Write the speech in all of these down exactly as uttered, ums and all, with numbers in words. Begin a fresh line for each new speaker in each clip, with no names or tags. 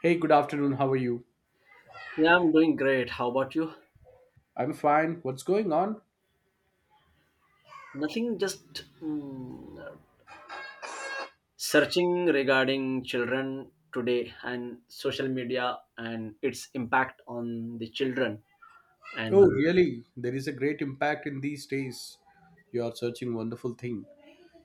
Hey, good afternoon. How are you?
Yeah, I'm doing great. How about you?
I'm fine. What's going on?
Nothing, just mm, searching regarding children today and social media and its impact on the children.
Oh,
And
really? There is a great impact in these days. You are searching wonderful thing.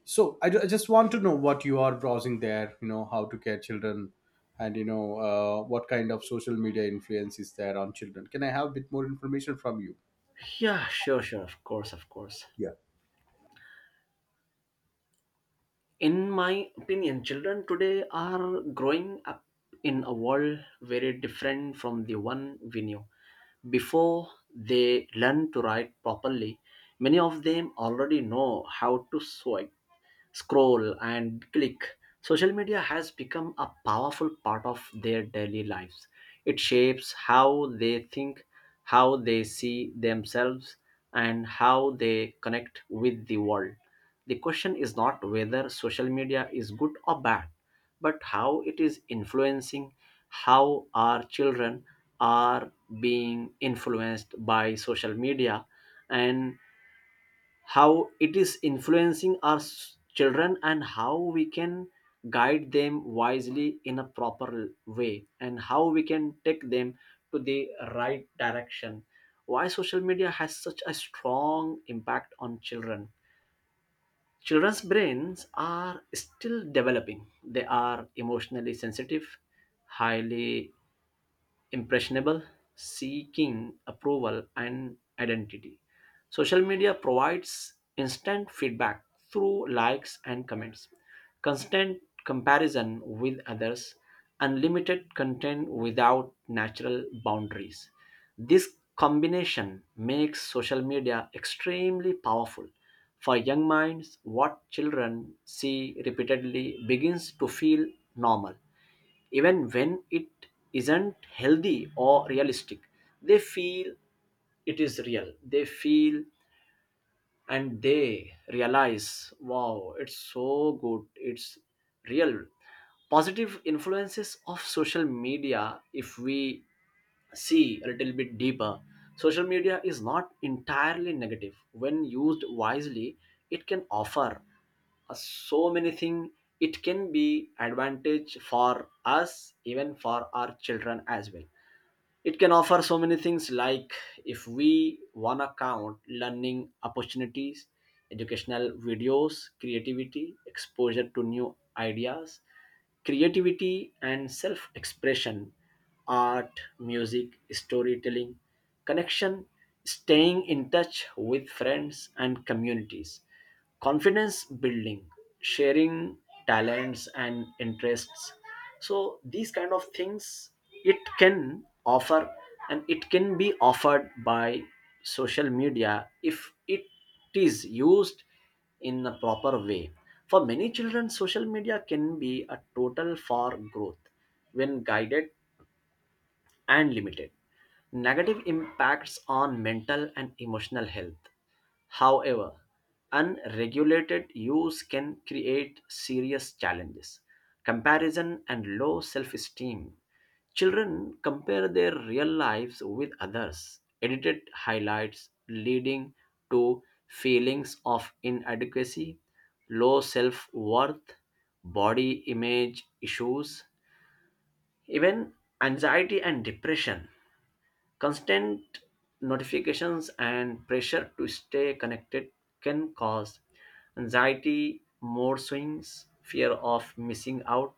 So I, ju- I just want to know what you are browsing there. You know how to care children, and you know uh, what kind of social media influence is there on children. Can I have a bit more information from you?
yeah, sure, sure, of course, of course.
Yeah.
In my opinion, children today are growing up in a world very different from the one we knew. Before they learn to write properly, many of them already know how to sew scroll and click. Social media has become a powerful part of their daily lives. It shapes how they think, how they see themselves, and how they connect with the world. The question is not whether social media is good or bad, but how it is influencing, how our children are being influenced by social media, and how it is influencing our s- children, and how we can guide them wisely in a proper way, and how we can take them to the right direction. Why social media has such a strong impact on children? Children's brains are still developing. They are emotionally sensitive, highly impressionable, seeking approval and identity. Social media provides instant feedback through likes and comments, constant comparison with others, unlimited content without natural boundaries. This combination makes social media extremely powerful. For young minds, what children see repeatedly begins to feel normal, even when it isn't healthy or realistic. They feel it is real. They feel, and they realize, wow, it's so good, it's real. Positive influences of social media: if we see a little bit deeper, social media is not entirely negative. When used wisely, it can offer us so many things. It can be advantage for us, even for our children as well. It can offer so many things, like, if we wanna count, learning opportunities, educational videos, creativity, exposure to new ideas, creativity and self expression, art, music, storytelling, connection, staying in touch with friends and communities, confidence building, sharing talents and interests. So these kind of things it can offer, and it can be offered by social media if it is used in a proper way. For many children, social media can be a total for growth when guided and limited. Negative impacts on mental and emotional health. However, unregulated use can create serious challenges. Comparison and low self esteem. Children compare their real lives with others, edited highlights, leading to feelings of inadequacy, low self worth, body image issues, even anxiety and depression. Constant notifications and pressure to stay connected can cause anxiety, mood swings, fear of missing out.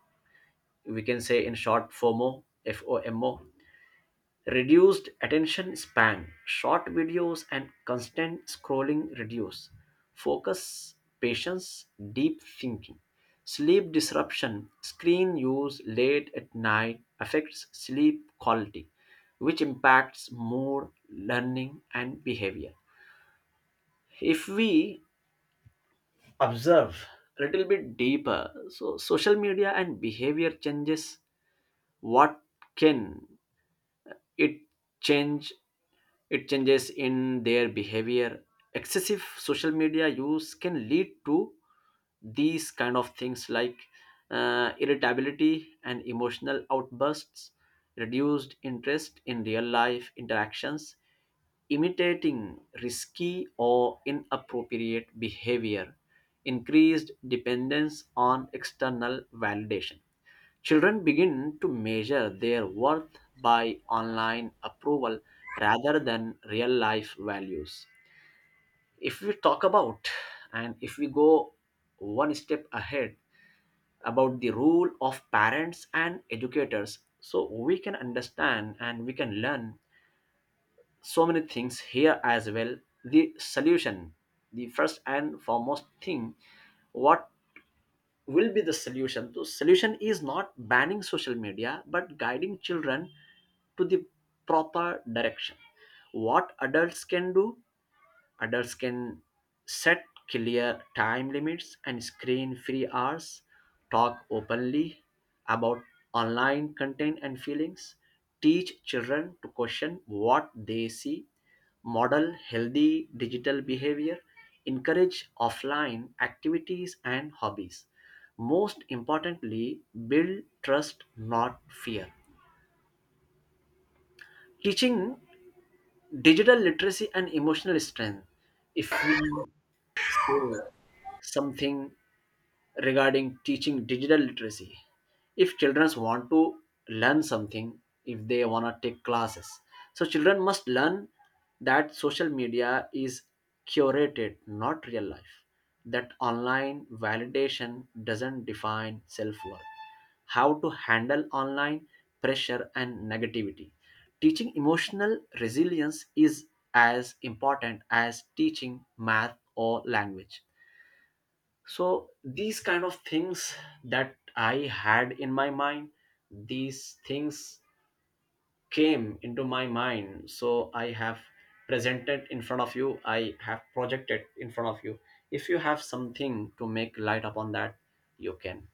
We can say in short, FOMO, FOMO. Reduced attention span, short videos, and constant scrolling reduce focus, patience, deep thinking. Sleep disruption, screen use late at night affects sleep quality, which impacts mood, learning, and behavior. If we observe a little bit deeper, so social media and behavior changes, what can it change? It changes in their behavior. Excessive social media use can lead to these kind of things like uh, irritability and emotional outbursts, reduced interest in real life interactions, imitating risky or inappropriate behavior, increased dependence on external validation. Children begin to measure their worth by online approval rather than real life values. If we talk about, and if we go one step ahead about the role of parents and educators, so we can understand and we can learn so many things here as well. The solution, the first and foremost thing, what will be the solution? The solution is not banning social media, but guiding children to the proper direction. What adults can do? Adults can set clear time limits and screen free hours, talk openly about online content and feelings, teach children to question what they see, model healthy digital behavior, encourage offline activities and hobbies. Most importantly, build trust, not fear. Teaching digital literacy and emotional strength. If we, so, something regarding teaching digital literacy. If children want to learn something, if they want to take classes, so children must learn that social media is curated, not real life. That online validation doesn't define self worth, how to handle online pressure and negativity. Teaching emotional resilience is as important as teaching math or language. So, these kind of things that I had in my mind, these things came into my mind. So, I have presented in front of you, I have projected in front of you. If you have something to make light upon that, you can.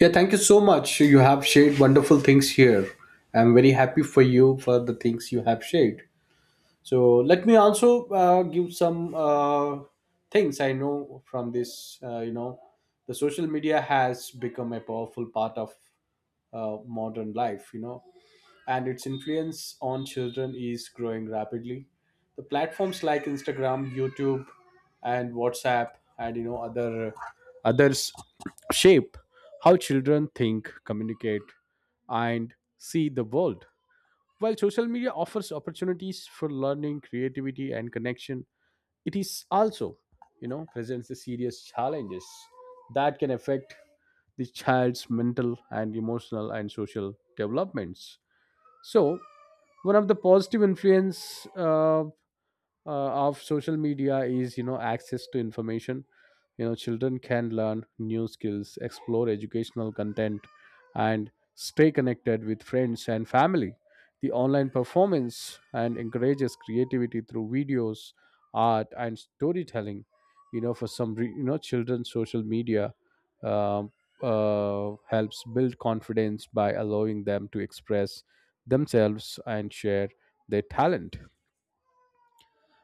Yeah, thank you so much. You have shared wonderful things here. I'm very happy for you for the things you have shared. So let me also uh, give some uh, things I know from this. Uh, you know, the social media has become a powerful part of uh, modern life. You know, and its influence on children is growing rapidly. The platforms like Instagram, YouTube, and WhatsApp, and you know other others shape how children think, communicate, and see the world. While social media offers opportunities for learning, creativity, and connection, it is also, you know, presents the serious challenges that can affect the child's mental and emotional and social developments. So, one of the positive influence uh, uh, of social media is, you know, access to information. You know, children can learn new skills, explore educational content, and stay connected with friends and family. The online performance and encourages creativity through videos, art, and storytelling. You know for some re- you know, children, social media um, uh, helps build confidence by allowing them to express themselves and share their talent.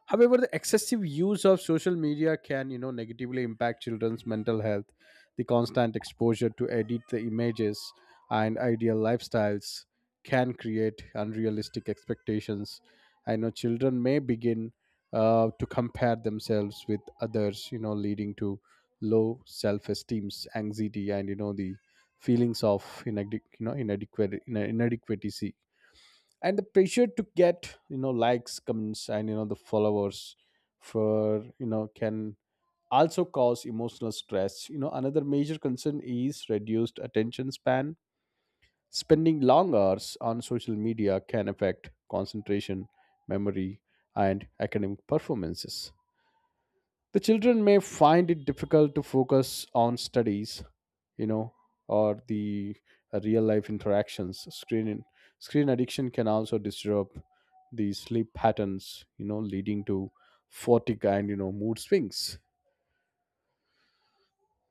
However, the excessive use of social media can, you know, negatively impact children's mental health. The constant exposure to edit the images and ideal lifestyles can create unrealistic expectations. I know children may begin uh, to compare themselves with others, you know, leading to low self esteem, anxiety, and you know the feelings of inadequ- you know, inadequate inadequacy, and the pressure to get, you know, likes, comments, and you know the followers for, you know, can also cause emotional stress. You know, another major concern is reduced attention span. Spending long hours on social media can affect concentration, memory, and academic performances. The children may find it difficult to focus on studies, you know, or the uh, real life interactions. Screen screen addiction can also disrupt the sleep patterns, you know, leading to fatigue and, you know, mood swings.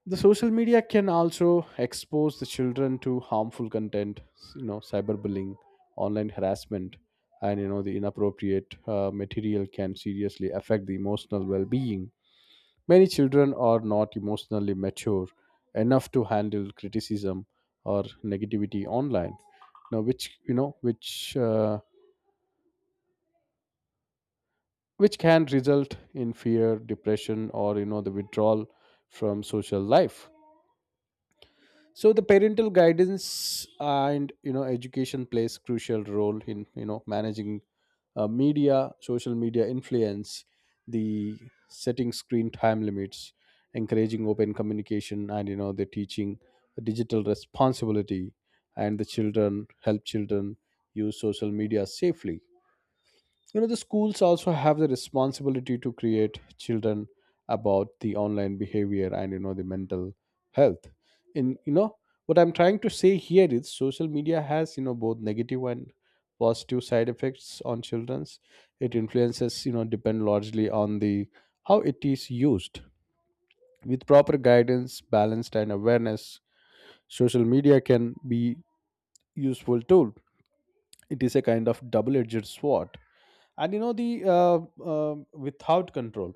The social media can also expose the children to harmful content, you know, cyberbullying, online harassment, and you know the inappropriate uh, material can seriously affect the emotional well-being. Many children are not emotionally mature enough to handle criticism or negativity online. Now, which, you know, which uh, which can result in fear, depression, or, you know, the withdrawal from social life. So the parental guidance and, you know, education plays crucial role in, you know, managing uh, media social media influence. The setting screen time limits, encouraging open communication, and you know the teaching digital responsibility, and the children help children use social media safely. You know, the schools also have the responsibility to create children about the online behavior and you know the mental health. In, you know, what I'm trying to say here is social media has, you know, both negative and positive side effects on children's. It influences, you know, depend largely on the how it is used. With proper guidance, balanced and awareness, social media can be useful tool. It is a kind of double edged sword, and you know the uh, uh, without control,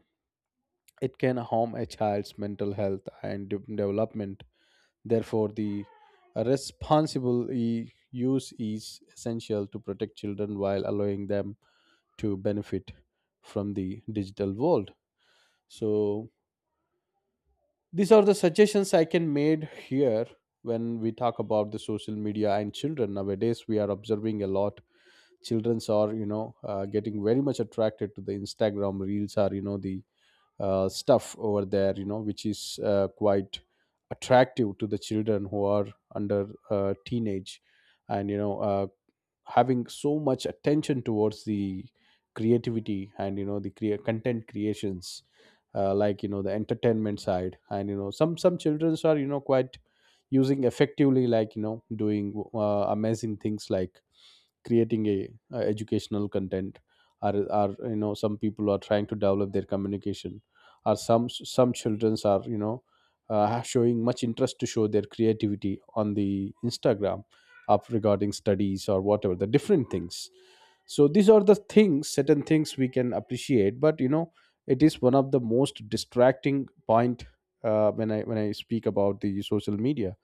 it can harm a child's mental health and de- development. Therefore the responsible e- use is essential to protect children while allowing them to benefit from the digital world. So these are the suggestions I can made here. When we talk about the social media and children nowadays, we are observing a lot. Childrens are, you know, uh, getting very much attracted to the Instagram reels, are you know the uh, stuff over there, you know, which is uh, quite attractive to the children who are under uh, teenage, and you know uh, having so much attention towards the creativity and you know the crea- content creations, uh, like, you know, the entertainment side. And you know some some childrens are, you know, quite using effectively, like, you know, doing uh, amazing things like creating a, uh educational content, or are, you know, some people are trying to develop their communication, or some some childrens are, you know, uh, showing much interest to show their creativity on the Instagram up regarding studies or whatever the different things. So these are the things, certain things we can appreciate, but you know it is one of the most distracting point uh, when i when i speak about the social media.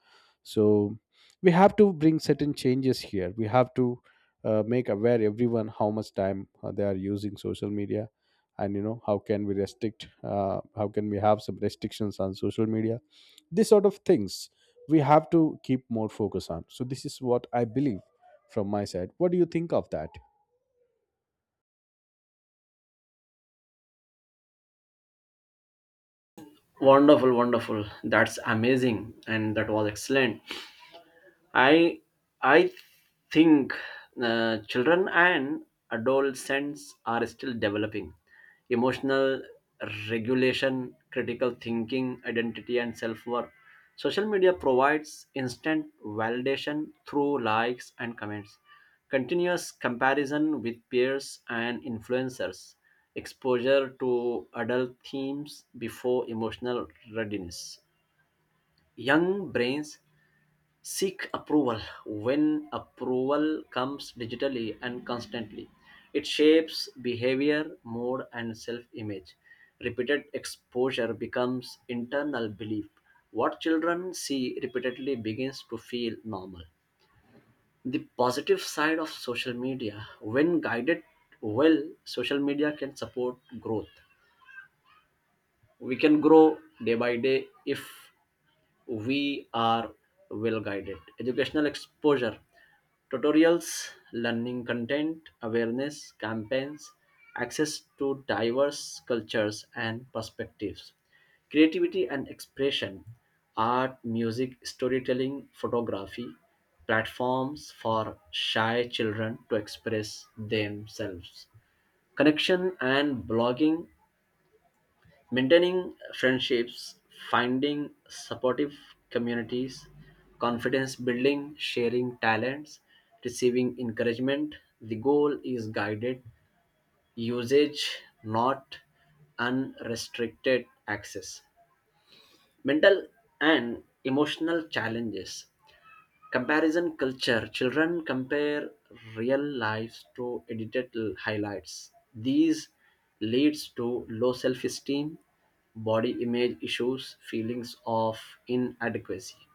So we have to bring certain changes here. We have to uh, make aware everyone how much time uh, they are using social media, and you know how can we restrict, uh, how can we have some restrictions on social media. This sort of things we have to keep more focus on. So this is what I believe from my side. What do you think of that?
Wonderful, wonderful. That's amazing. And that was excellent. I I think uh, children and adolescents are still developing emotional regulation, critical thinking, identity, and self worth. Social media provides instant validation through likes and comments, continuous comparison with peers and influencers, exposure to adult themes before emotional readiness. Young brains seek approval. When approval comes digitally and constantly, it shapes behavior, mood, and self-image. Repeated exposure becomes internal belief. What children see repeatedly begins to feel normal. The positive side of social media, when guided well, social media can support growth. We can grow day by day if we are well guided. Educational exposure, tutorials, learning content, awareness campaigns, access to diverse cultures and perspectives, creativity and expression, art, music, storytelling, photography, platforms for shy children to express themselves, connection and blogging. Maintaining friendships, finding supportive communities, confidence building, sharing talents, receiving encouragement. The goal is guided usage, not unrestricted access. Mental and emotional challenges. Comparison culture: children compare real lives to edited l- highlights. These leads to low self esteem, body image issues, feelings of inadequacy,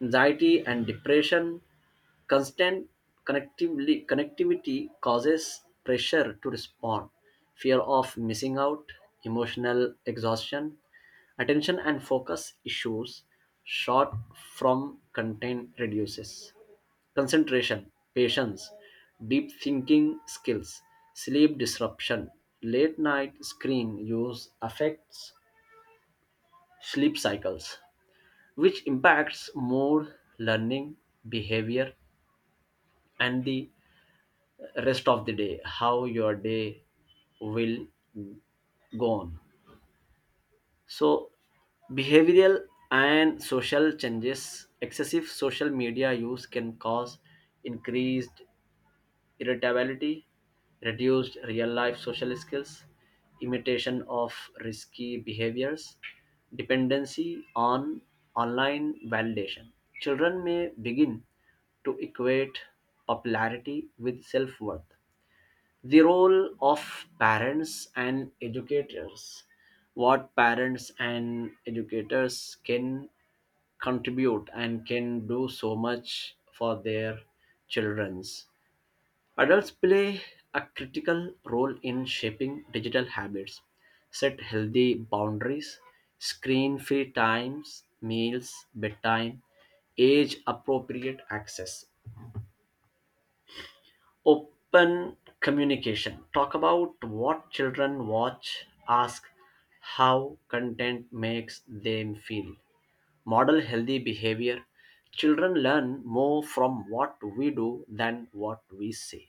anxiety and depression. Constant connectively, connectivity causes pressure to respond, fear of missing out, emotional exhaustion. Attention and focus issues, short from content reduces concentration, patience, deep thinking skills. Sleep disruption, late night screen use affects sleep cycles, which impacts mood, learning, behavior, and the rest of the day, how your day will go on. So, behavioral and social changes, excessive social media use can cause increased irritability, reduced real life social skills, imitation of risky behaviors, dependency on online validation. Children may begin to equate popularity with self worth. The role of parents and educators. What parents and educators can contribute and can do so much for their children's. Adults play a critical role in shaping digital habits. Set healthy boundaries, screen free times, meals, bedtime, age appropriate access, open communication. Talk about what children watch, ask how content makes them feel. Model healthy behavior. Children learn more from what we do than what we say,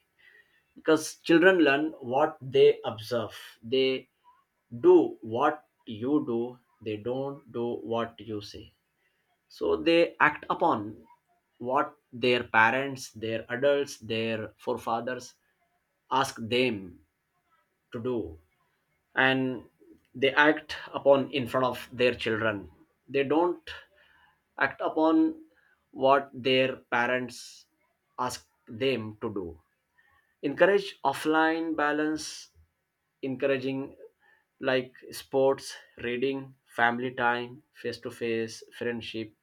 because children learn what they observe. They do what you do, they don't do what you say. So they act upon what their parents, their adults, their forefathers ask them to do, and they act upon in front of their children. They don't act upon what their parents ask them to do. Encourage offline balance, encouraging like sports, reading, family time, face to face, friendship,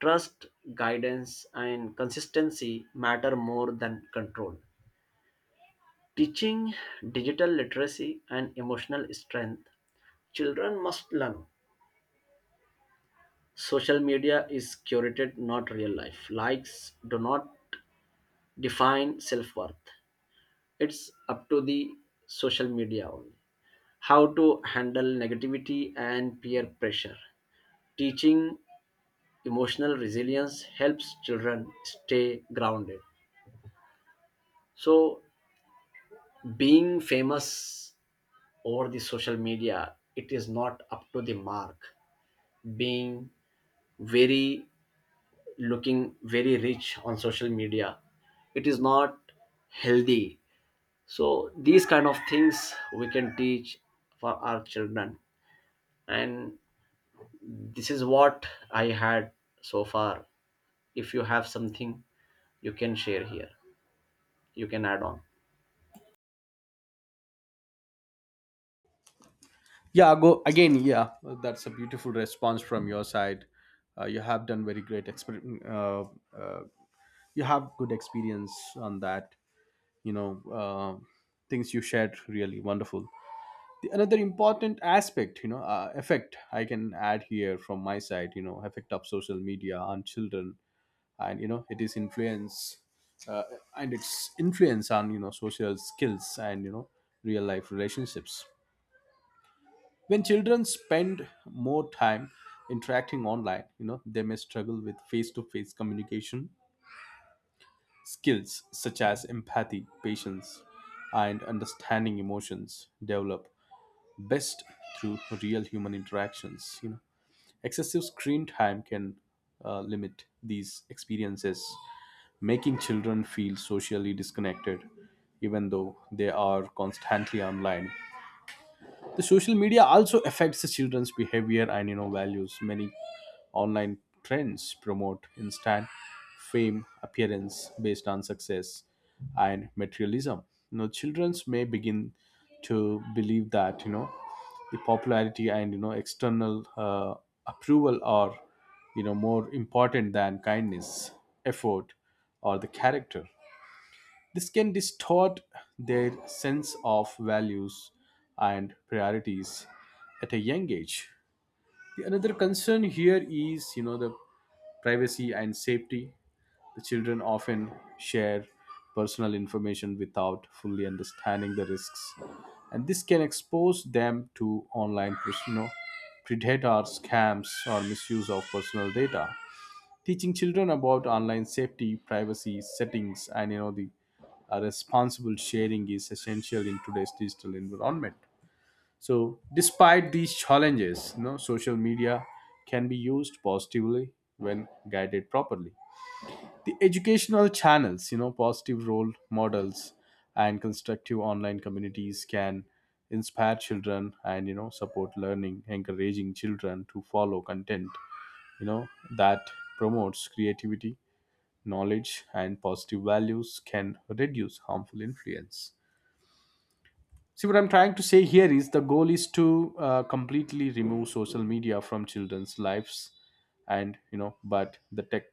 trust, guidance, and consistency matter more than control. Teaching digital literacy and emotional strength, children must learn. Social media is curated, not real life. Likes do not define self worth. It's up to the social media only. How to handle negativity and peer pressure. Teaching emotional resilience helps children stay grounded. So being famous over the social media, it is not up to the mark. Being very, looking very rich on social media, it is not healthy. So these kind of things we can teach for our children. And this is what I had so far. If you have something, you can share here, you can add on.
Yeah, go again. Yeah, that's a beautiful response from your side. Uh, you have done very great exper- uh, uh, you have good experience on that. You know, uh, things you shared really wonderful. The, another important aspect, you know, uh, effect I can add here from my side, you know, effect of social media on children, and you know it is influence, uh, and its influence on, you know, social skills and, you know, real life relationships. When children spend more time interacting online, you know they may struggle with face to face communication. Skills such as empathy, patience, and understanding emotions develop best through real human interactions. You know, excessive screen time can uh, limit these experiences, making children feel socially disconnected, even though they are constantly online. The social media also affects the children's behavior and, you know, values. Many online trends promote instant fame, appearance based on success, and materialism. You know, children's may begin to believe that, you know, the popularity and you know external uh, approval are, you know, more important than kindness, effort, or the character. This can distort their sense of values and priorities at a young age. The another concern here is, you know, the privacy and safety. The children often share personal information without fully understanding the risks, and this can expose them to online, pres- you know, predator scams or misuse of personal data. Teaching children about online safety, privacy settings, and you know the uh, responsible sharing is essential in today's digital environment. So despite these challenges, you know, social media can be used positively when guided properly. The educational channels, you know, positive role models, and constructive online communities can inspire children, and you know support learning, encouraging children to follow content, you know, that promotes creativity, knowledge, and positive values can reduce harmful influence. See, what I'm trying to say here is the goal is to uh, completely remove social media from children's lives, and you know, but the tech,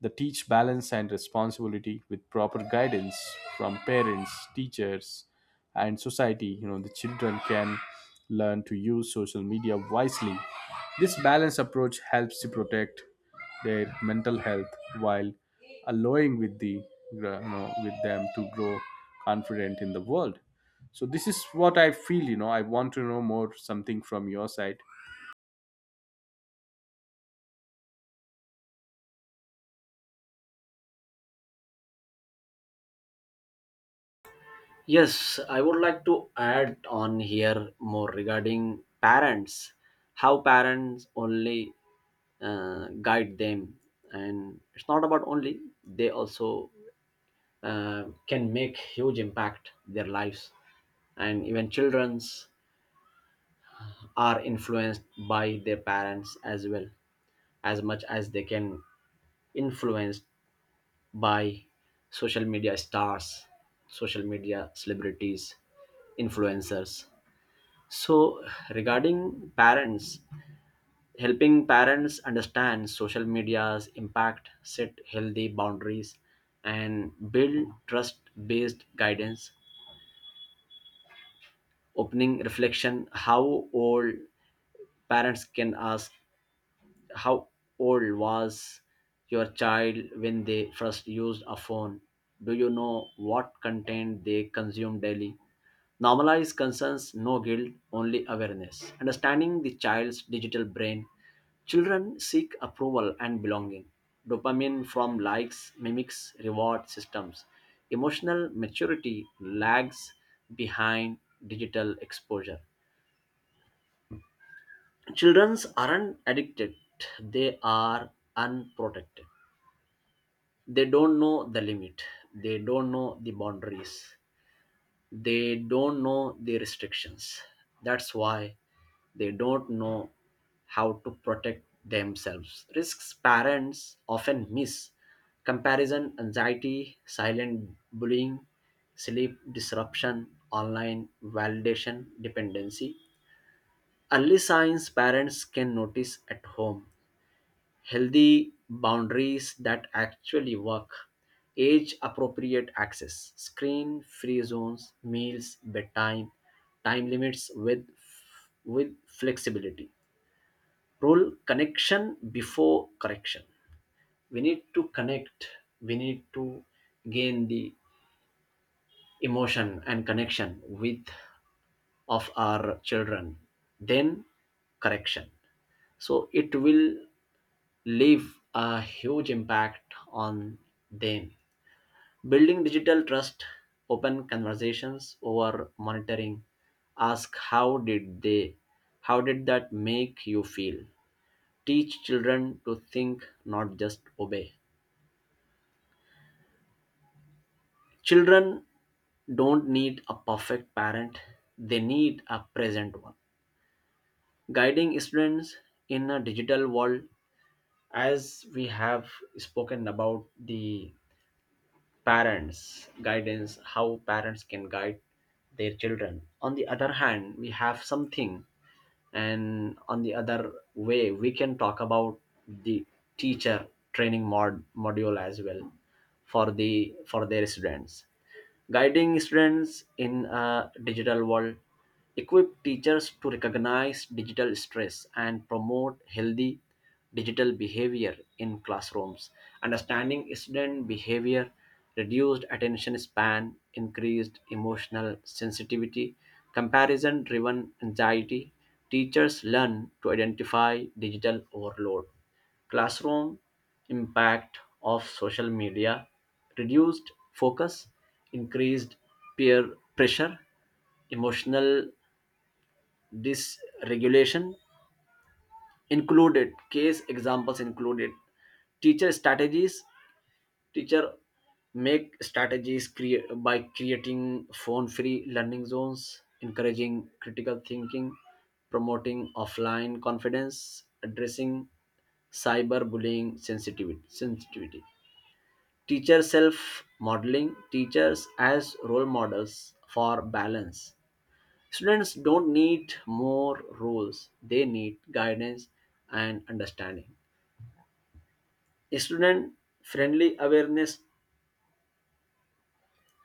the teach balance and responsibility with proper guidance from parents, teachers, and society. You know, the children can learn to use social media wisely. This balanced approach helps to protect their mental health while allowing with the, you know, with them to grow confident in the world. So this is what I feel. You know, I want to know more something from your side.
Yes, I would like to add on here more regarding parents, how parents only uh, guide them, and it's not about only they also uh, can make huge impact their lives, and even children's are influenced by their parents as well, as much as they can influenced by social media stars, social media celebrities, influencers. So, regarding parents, helping parents understand social media's impact, set healthy boundaries, and build trust based guidance. Opening reflection: how old parents can ask, how old was your child when they first used a phone? Do you know what content they consume daily? Normalize concerns, no guilt, only awareness. Understanding the child's digital brain, children seek approval and belonging. Dopamine from likes mimics reward systems. Emotional maturity lags behind digital exposure. Children aren't addicted, they are unprotected. They don't know the limit, they don't know the boundaries, they don't know the restrictions. That's why they don't know how to protect themselves. Risks parents often miss: comparison anxiety, silent bullying, sleep disruption, online validation dependency. Early signs parents can notice at home, healthy boundaries that actually work, age appropriate access, screen free zones, meals, bedtime, time limits with, with flexibility. Rule: connection before correction. We need to connect, we need to gain the emotion and connection with of our children, then correction, so it will leave a huge impact on them. Building digital trust, open conversations over monitoring, ask how did they, how did that make you feel? Teach children to think, not just obey. Children don't need a perfect parent, they need a present one. Guiding students in a digital world, as we have spoken about the parents guidance, how parents can guide their children. On the other hand, we have something, and on the other way we can talk about the teacher training mod module as well for the for their students. Guiding students in a digital world, equip teachers to recognize digital stress and promote healthy digital behavior in classrooms. Understanding student behavior: reduced attention span, increased emotional sensitivity, comparison driven anxiety. Teachers learn to identify digital overload classroom. Impact of social media: reduced focus, increased peer pressure, emotional dysregulation. Included case examples included. Teacher strategies: teacher make strategies crea- by creating phone-free learning zones, encouraging critical thinking, promoting offline confidence, addressing cyberbullying sensitivity sensitivity Teacher self modeling, teachers as role models for balance. Students don't need more rules, they need guidance and understanding. Student friendly awareness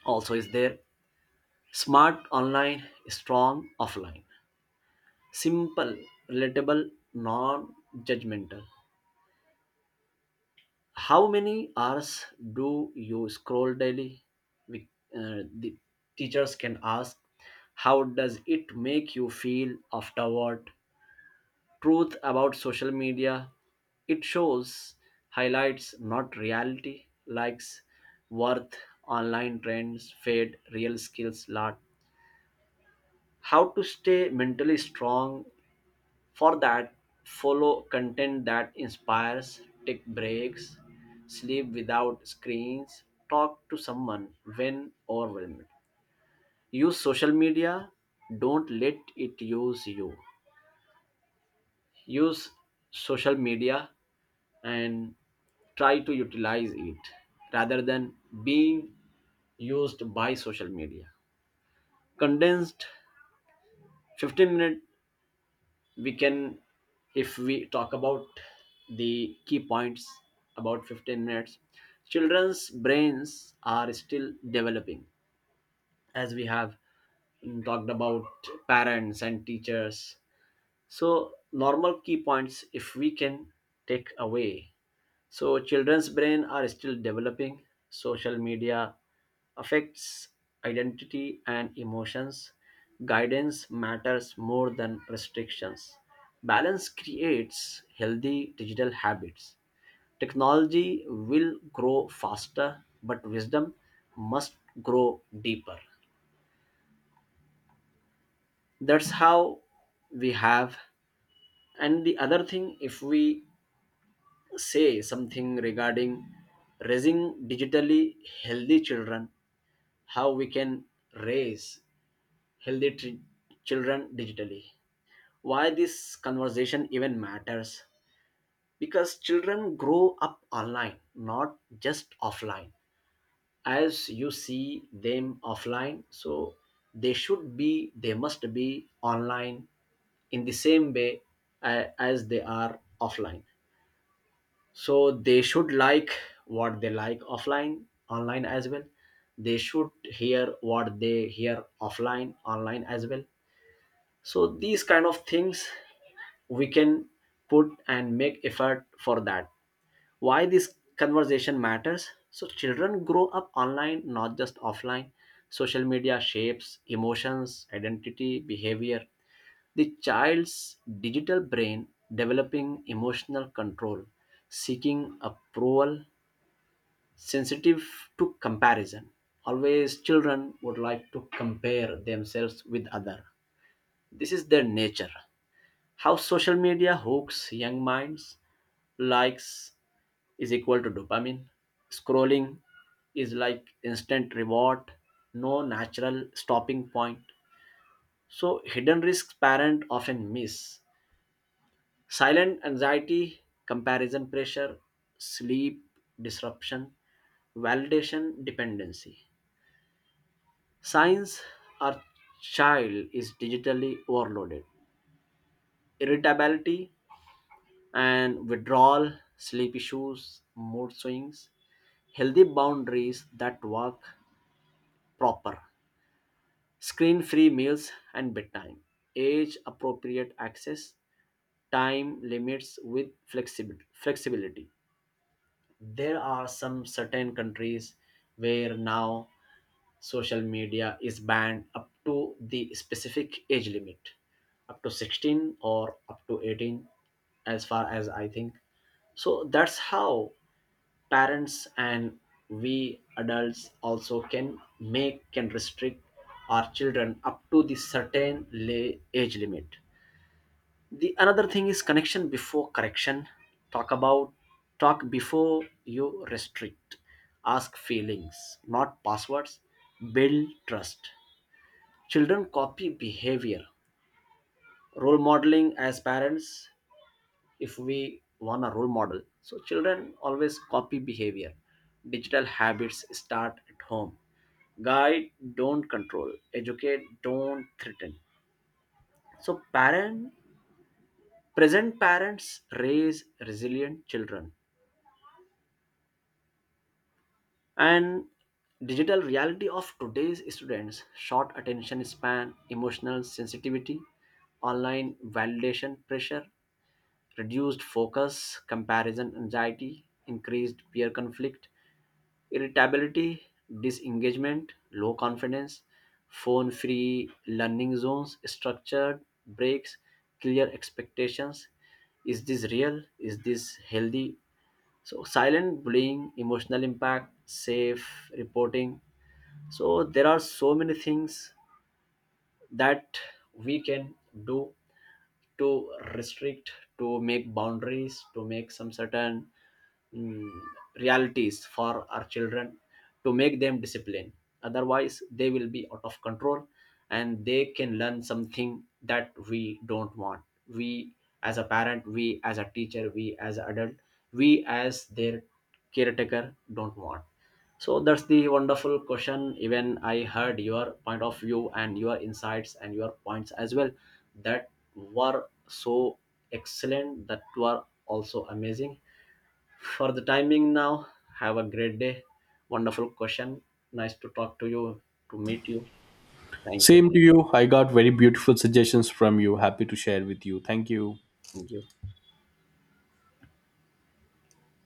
also is there. Smart online, strong offline, simple, relatable, non judgmental. How many hours do you scroll daily? We, uh, the teachers can ask, how does it make you feel afterward? Truth about social media, it shows highlights, not reality. Likes, worth, online trends, fade, real skills, lot. How to stay mentally strong? For that, follow content that inspires, take breaks, sleep without screens, talk to someone when overwhelmed. Use social media, don't let it use you. Use social media and try to utilize it rather than being used by social media. Condensed fifteen minute, we can, if we talk about the key points about fifteen minutes. Children's brains are still developing, as we have mm, talked about parents and teachers. So normal key points, if we can take away, so children's brain are still developing. Social media affects identity and emotions. Guidance matters more than restrictions. Balance creates healthy digital habits. Technology will grow faster, but wisdom must grow deeper. That's how we have. And the other thing, if we say something regarding raising digitally healthy children, how we can raise healthy tri- children digitally. Why this conversation even matters? Because children grow up online, not just offline. As you see them offline, so they should be, they must be online in the same way uh, as they are offline. So they should like what they like offline, online as well. They should hear what they hear offline, online as well. So these kind of things we can put and make effort for that. Why this conversation matters, so children grow up online, not just offline. Social media shapes emotions, identity, behavior. The child's digital brain, developing emotional control, seeking approval, sensitive to comparison. Always children would like to compare themselves with other. This is their nature. How social media hooks young minds, likes is equal to dopamine. Scrolling is like instant reward, no natural stopping point. So hidden risks parent often miss: silent anxiety, comparison pressure, sleep disruption, validation dependency. Signs our child is digitally overloaded: irritability and withdrawal, sleep issues, mood swings. Healthy boundaries that work proper: screen free meals and bedtime, age appropriate access, time limits with flexibility. flexibility There are some certain countries where now social media is banned up to the specific age limit, up to sixteen or up to eighteen, as far as I think. So that's how parents and we adults also can make, can restrict our children up to the certain la- age limit. The another thing is connection before correction. talk about Talk before you restrict. Ask feelings, not passwords. Build trust. Children copy behavior. Role modeling as parents, if we want a role model, so children always copy behavior. Digital habits start at home. Guide, don't control. Educate, don't threaten. So parent, present parents raise resilient children. And digital reality of today's students: short attention span, emotional sensitivity, online validation pressure, reduced focus, comparison anxiety, increased peer conflict, irritability, disengagement, low confidence. Phone free learning zones, structured breaks, clear expectations. Is this real? Is this healthy? So silent bullying, emotional impact, safe reporting. So there are so many things that we can do to restrict, to make boundaries, to make some certain mm, realities for our children, to make them disciplined, otherwise they will be out of control and they can learn something that we don't want, we as a parent, we as a teacher, we as an adult, we as their caretaker, don't want. So that's the wonderful question. Even I heard your point of view and your insights and your points as well, that were so excellent, that were also amazing. For the timing now, have a great day. Wonderful question. Nice to talk to you, to meet you. Thank you.
Same to you. I got very beautiful suggestions from you. Happy to share with you. Thank you.
Thank you.